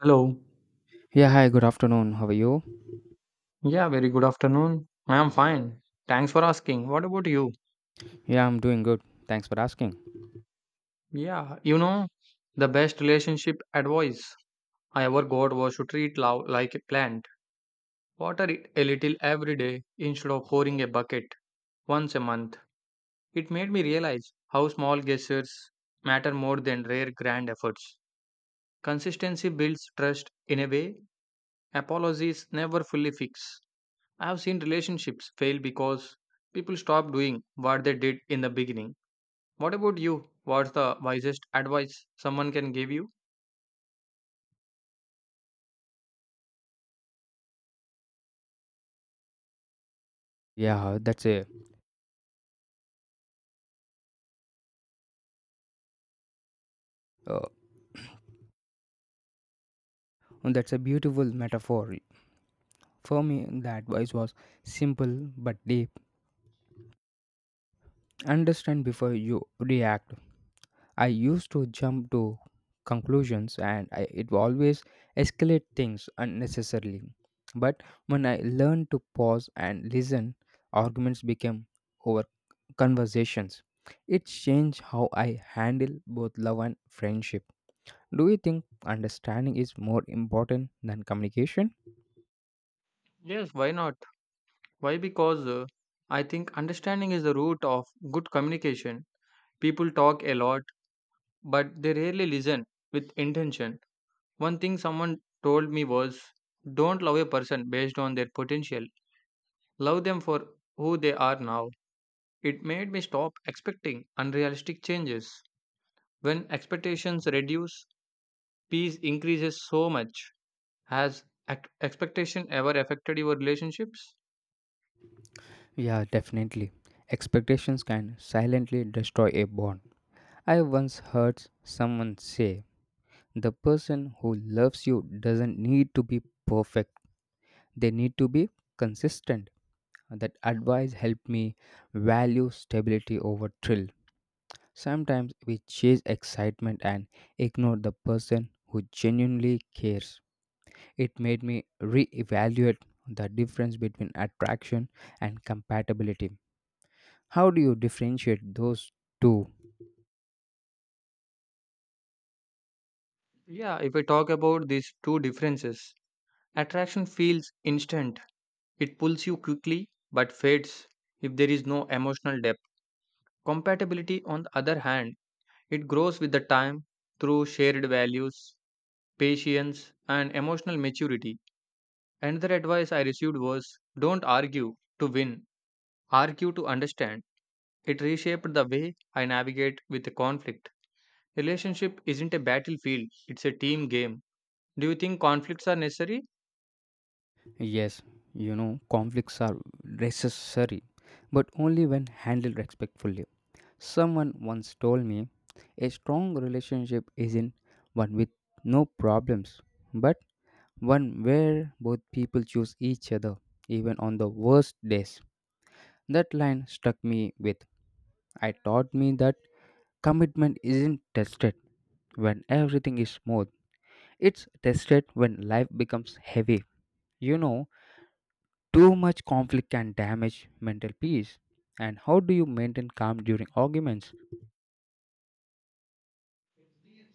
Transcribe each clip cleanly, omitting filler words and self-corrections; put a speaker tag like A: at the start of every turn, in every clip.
A: Hello.
B: Yeah, hi, good afternoon. How are you?
A: Yeah, very good afternoon. I am fine. Thanks for asking. What about you?
B: Yeah, I'm doing good. Thanks for asking.
A: Yeah, you know, the best relationship advice I ever got was to treat love like a plant. Water it a little every day instead of pouring a bucket once a month. It made me realize how small gestures matter more than rare grand efforts. Consistency builds trust in a way apologies never fully fix. I have seen relationships fail because people stop doing what they did in the beginning. What about you? What's the wisest advice someone can give you?
B: Yeah, uh, that's a uh, that's a beautiful metaphor. For me, the advice was simple but deep. Understand before you react. I used to jump to conclusions and it always escalate things unnecessarily. But when I learned to pause and listen, arguments became over conversations. It changed how I handle both love and friendship. Do you think understanding is more important than communication?
A: Yes, why not? Why? Because I think understanding is the root of good communication. People talk a lot, but they rarely listen with intention. One thing someone told me was don't love a person based on their potential, love them for who they are now. It made me stop expecting unrealistic changes. When expectations reduce, peace increases so much. Has expectation ever affected your relationships?
B: Yeah, definitely. Expectations can silently destroy a bond. I once heard someone say, the person who loves you doesn't need to be perfect, they need to be consistent. That advice helped me value stability over thrill. Sometimes we chase excitement and ignore the person who genuinely cares. It made me reevaluate the difference between attraction and compatibility. How do you differentiate those two?
A: Yeah, if I talk about these two differences, attraction feels instant, it pulls you quickly but fades if there is no emotional depth. Compatibility, on the other hand, it grows with the time through shared values, patience, and emotional maturity. Another advice I received was don't argue to win, argue to understand. It reshaped the way I navigate with the conflict. Relationship isn't a battlefield, it's a team game. Do you think conflicts are necessary?
B: Yes, you know, conflicts are necessary, but only when handled respectfully. Someone once told me a strong relationship isn't one with no problems, but one where both people choose each other, even on the worst days. That line struck me with. I taught me that commitment isn't tested when everything is smooth, it's tested when life becomes heavy. You know, too much conflict can damage mental peace. And how do you maintain calm during arguments?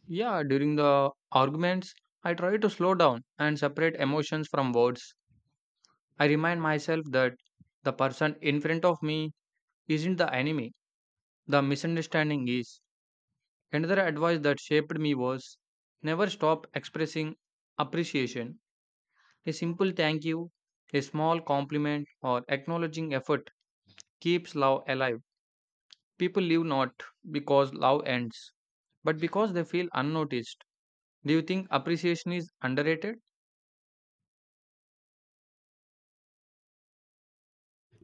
A: Yeah, during the arguments, I try to slow down and separate emotions from words. I remind myself that the person in front of me isn't the enemy, the misunderstanding is. Another advice that shaped me was never stop expressing appreciation. A simple thank you, a small compliment, or acknowledging effort keeps love alive. People live not because love ends but because they feel unnoticed. Do you think appreciation is underrated?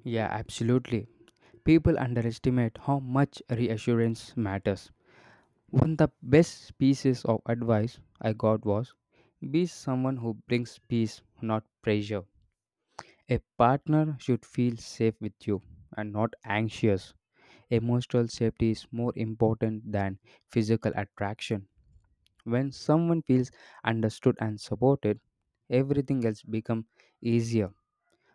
B: Yeah, absolutely. People underestimate how much reassurance matters. One of the best pieces of advice I got was be someone who brings peace, not pressure. A partner should feel safe with you and not anxious. Emotional safety is more important than physical attraction. When someone feels understood and supported, everything else becomes easier.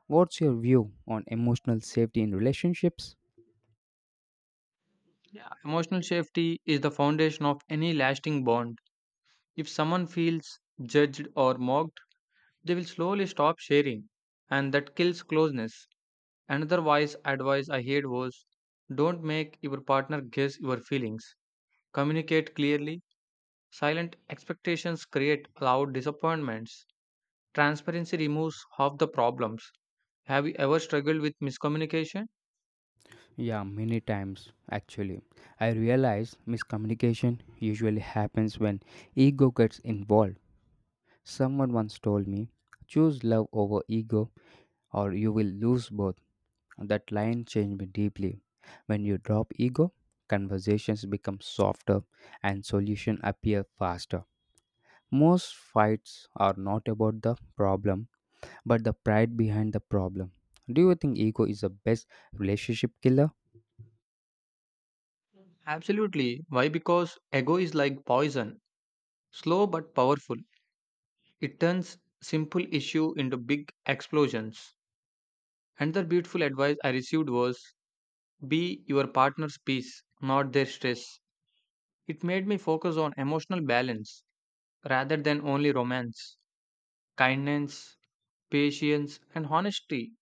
B: What's your view on emotional safety in relationships?
A: Yeah. Emotional safety is the foundation of any lasting bond. If someone feels judged or mocked, they will slowly stop sharing, and that kills closeness. Another wise advice I heard was don't make your partner guess your feelings. Communicate clearly. Silent expectations create loud disappointments. Transparency removes half the problems. Have you ever struggled with miscommunication?
B: Yeah, many times actually. I realize miscommunication usually happens when ego gets involved. Someone once told me, choose love over ego or you will lose both. That line changed me deeply. When you drop ego, conversations become softer and solutions appear faster. Most fights are not about the problem, but the pride behind the problem. Do you think ego is the best relationship killer?
A: Absolutely. Why? Because ego is like poison, slow but powerful. It turns simple issue into big explosions. Another beautiful advice I received was be your partner's peace, not their stress. It made me focus on emotional balance rather than only romance. Kindness, patience, and honesty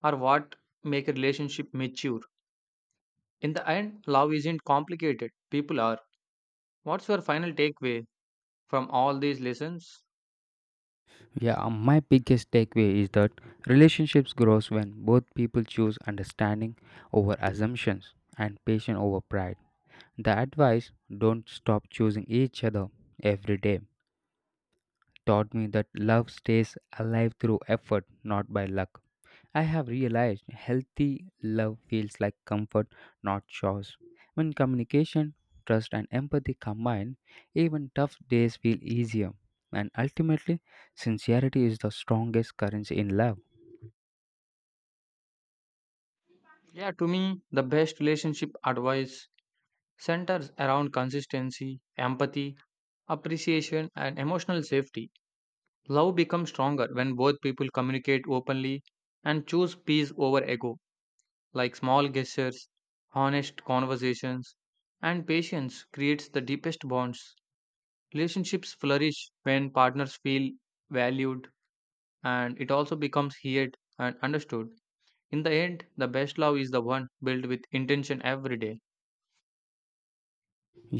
A: are what make a relationship mature. In the end, love isn't complicated. People are. What's your final takeaway from all these lessons?
B: Yeah, my biggest takeaway is that relationships grows when both people choose understanding over assumptions and patience over pride. The advice don't stop choosing each other every day taught me that love stays alive through effort, not by luck. I have realized healthy love feels like comfort, not chores. When communication, trust, and empathy combine, even tough days feel easier. And ultimately, sincerity is the strongest currency in love.
A: Yeah, to me, the best relationship advice centers around consistency, empathy, appreciation, and emotional safety. Love becomes stronger when both people communicate openly and choose peace over ego, like small gestures, honest conversations, and patience creates the deepest bonds. Relationships flourish when partners feel valued and it also becomes heard and understood. In the end, the best love is the one built with intention every day.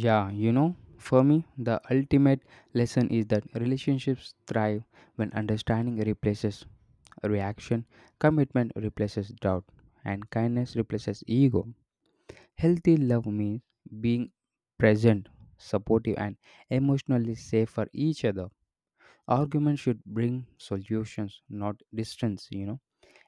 B: Yeah, you know, for me, the ultimate lesson is that relationships thrive when understanding replaces reaction, commitment replaces doubt, and kindness replaces ego. Healthy love means being present, supportive, and emotionally safe for each other. Arguments should bring solutions, not distance. You know,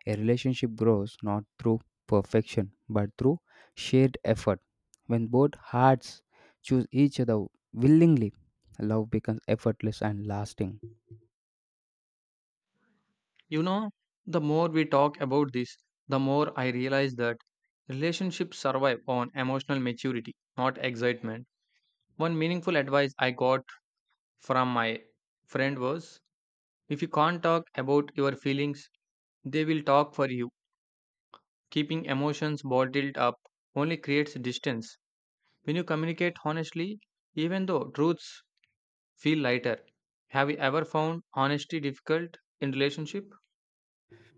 B: a relationship grows not through perfection but through shared effort. When both hearts choose each other willingly, love becomes effortless and lasting.
A: You know, the more we talk about this, the more I realize that relationships survive on emotional maturity, not excitement. One meaningful advice I got from my friend was if you can't talk about your feelings, they will talk for you. Keeping emotions bottled up only creates distance. When you communicate honestly, even though truths feel lighter. Have you ever found honesty difficult in relationship?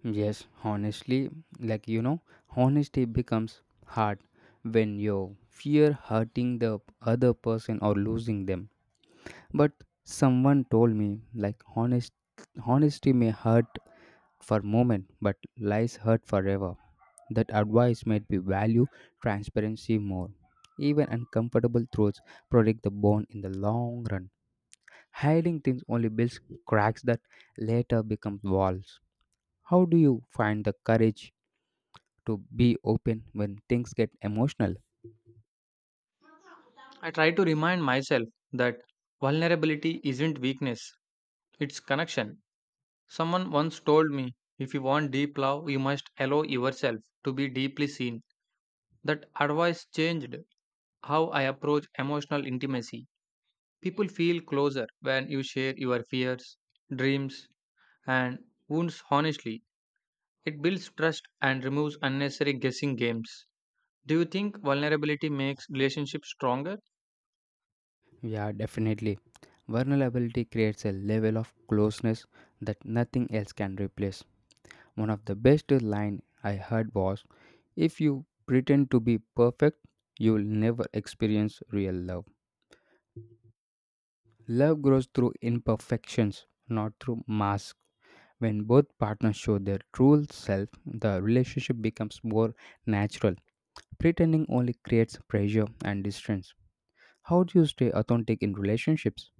B: Yes, honestly, like you know, honesty becomes hard when you fear hurting the other person or losing them. But someone told me like honesty may hurt for a moment but lies hurt forever. That advice made me value transparency more. Even uncomfortable truths protect the bond in the long run. Hiding things only builds cracks that later become walls. How do you find the courage to be open when things get emotional?
A: I try to remind myself that vulnerability isn't weakness, it's connection. Someone once told me, if you want deep love, you must allow yourself to be deeply seen. That advice changed how I approach emotional intimacy. People feel closer when you share your fears, dreams, and wounds honestly. It builds trust and removes unnecessary guessing games. Do you think vulnerability makes relationships stronger?
B: Yeah, definitely. Vulnerability creates a level of closeness that nothing else can replace. One of the best line I heard was if you pretend to be perfect, you will never experience real love. Love grows through imperfections, not through masks. When both partners show their true self, the relationship becomes more natural. Pretending only creates pressure and distance. How do you stay authentic in relationships?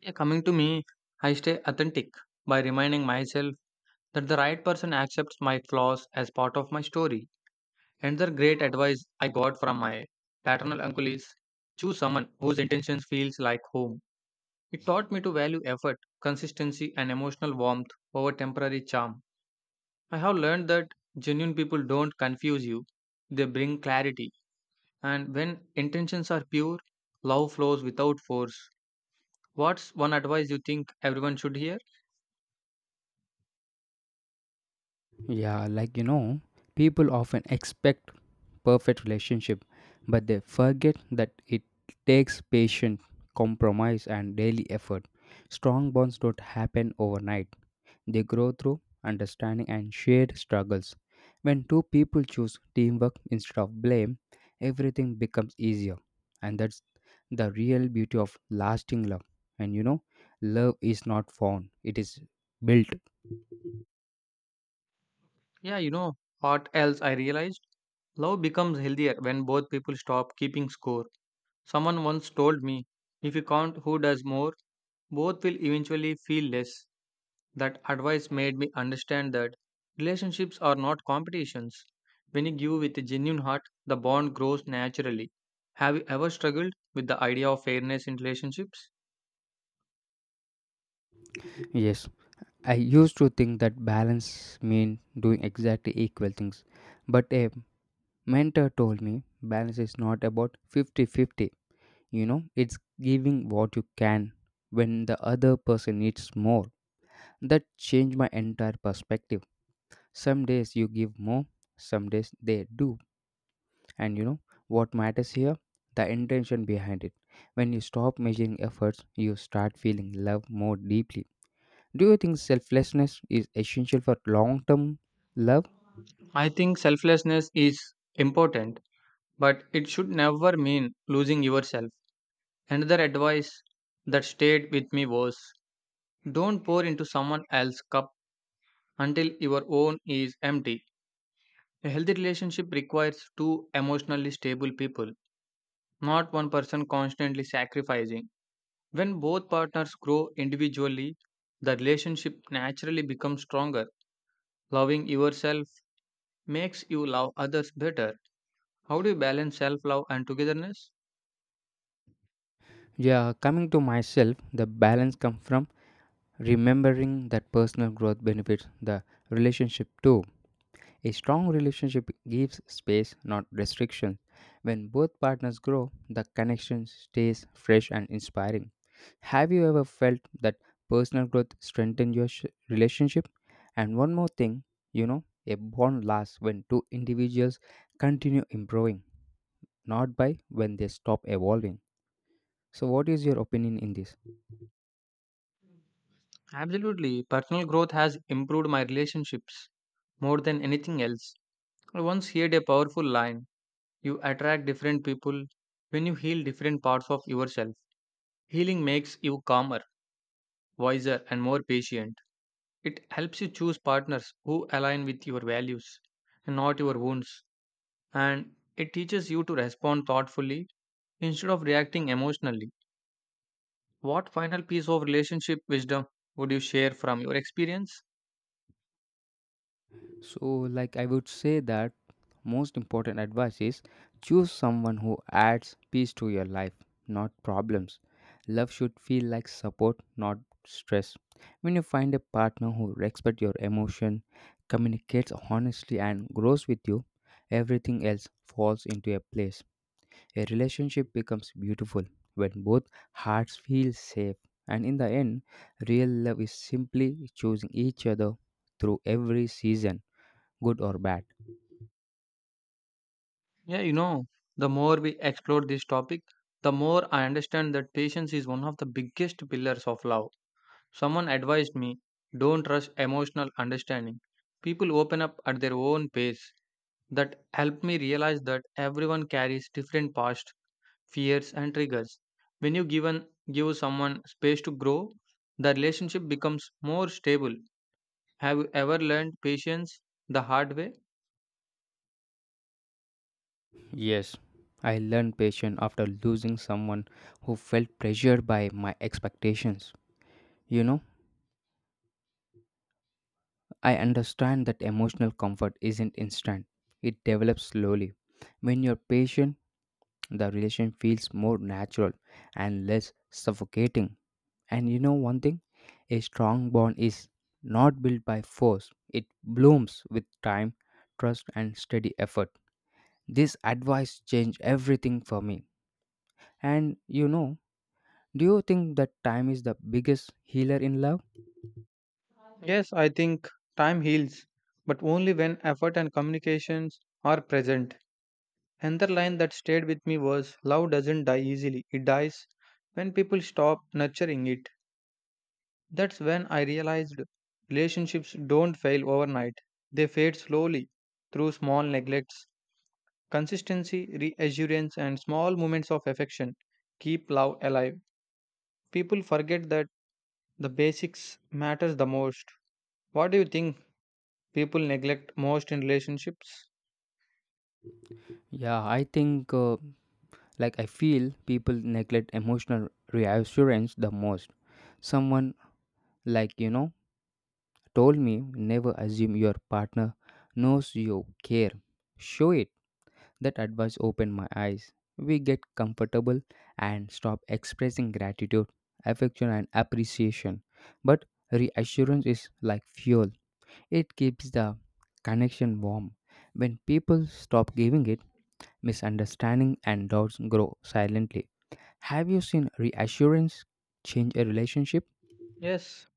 A: Yeah, coming to me, I stay authentic by reminding myself that the right person accepts my flaws as part of my story. Another great advice I got from my paternal uncle is choose someone whose intentions feels like home. It taught me to value effort, consistency and emotional warmth over temporary charm. I have learned that genuine people don't confuse you. They bring clarity and when intentions are pure, love flows without force. What's one advice you think everyone should hear?
B: Yeah, like you know, people often expect perfect relationship, but they forget that it takes patience, compromise and daily effort. Strong bonds don't happen overnight. They grow through understanding and shared struggles. When two people choose teamwork instead of blame, everything becomes easier. And that's the real beauty of lasting love. And you know, love is not found, it is built.
A: Yeah, you know what else I realized? Love becomes healthier when both people stop keeping score. Someone once told me, if you count who does more, both will eventually feel less. That advice made me understand that relationships are not competitions. When you give with a genuine heart, the bond grows naturally. Have you ever struggled with the idea of fairness in relationships?
B: Yes, I used to think that balance mean doing exactly equal things, but a mentor told me balance is not about fifty-fifty. You know, it's giving what you can when the other person needs more. That changed my entire perspective. Some days you give more, some days they do. And you know what matters here? The intention behind it. When you stop measuring efforts, you start feeling love more deeply. Do you think selflessness is essential for long term love?
A: I think selflessness is important, but it should never mean losing yourself. Another advice that stayed with me was don't pour into someone else's cup until your own is empty. A healthy relationship requires two emotionally stable people, not one person constantly sacrificing. When both partners grow individually, the relationship naturally becomes stronger. Loving yourself makes you love others better. How do you balance self love and togetherness?
B: Yeah, coming to myself, the balance comes from remembering that personal growth benefits the relationship too. A strong relationship gives space, not restrictions. When both partners grow, the connection stays fresh and inspiring. Have you ever felt that personal growth strengthened your relationship? And one more thing, you know, a bond lasts when two individuals continue improving not by when they stop evolving. So, what is your opinion in this?
A: Absolutely. Personal growth has improved my relationships more than anything else. I once heard a powerful line. You attract different people when you heal different parts of yourself. Healing makes you calmer, wiser, and more patient. It helps you choose partners who align with your values and not your wounds. And it teaches you to respond thoughtfully instead of reacting emotionally. What final piece of relationship wisdom would you share from your experience?
B: So, like I would say that most important advice is choose someone who adds peace to your life, not problems. Love should feel like support, not stress. When you find a partner who respects your emotion, communicates honestly, and grows with you, everything else falls into a place. A relationship becomes beautiful when both hearts feel safe. And in the end, real love is simply choosing each other through every season, good or bad.
A: Yeah, you know, the more we explore this topic, the more I understand that patience is one of the biggest pillars of love. Someone advised me don't rush emotional understanding. People open up at their own pace. That helped me realize that everyone carries different past, fears, and triggers. When you give someone space to grow, the relationship becomes more stable. Have you ever learned patience the hard way?
B: Yes, I learned patience after losing someone who felt pressured by my expectations. You know, I understand that emotional comfort isn't instant, it develops slowly. When you're patient, the relation feels more natural and less suffocating. And you know one thing? A strong bond is not built by force, it blooms with time, trust, and steady effort. This advice changed everything for me. And you know, do you think that time is the biggest healer in love?
A: Yes, I think time heals, but only when effort and communications are present. Another line that stayed with me was, love doesn't die easily, it dies when people stop nurturing it. That's when I realized relationships don't fail overnight, they fade slowly through small neglects. Consistency, reassurance, and small moments of affection keep love alive. People forget that the basics matters the most. What do you think people neglect most in relationships?
B: Yeah, I think, uh, I feel people neglect emotional reassurance the most. Someone, like, you know, told me never assume your partner knows you care. Show it. That advice opened my eyes. We get comfortable and stop expressing gratitude, affection, and appreciation. But reassurance is like fuel, it keeps the connection warm. When people stop giving it, misunderstanding and doubts grow silently. Have you seen reassurance change a relationship?
A: Yes,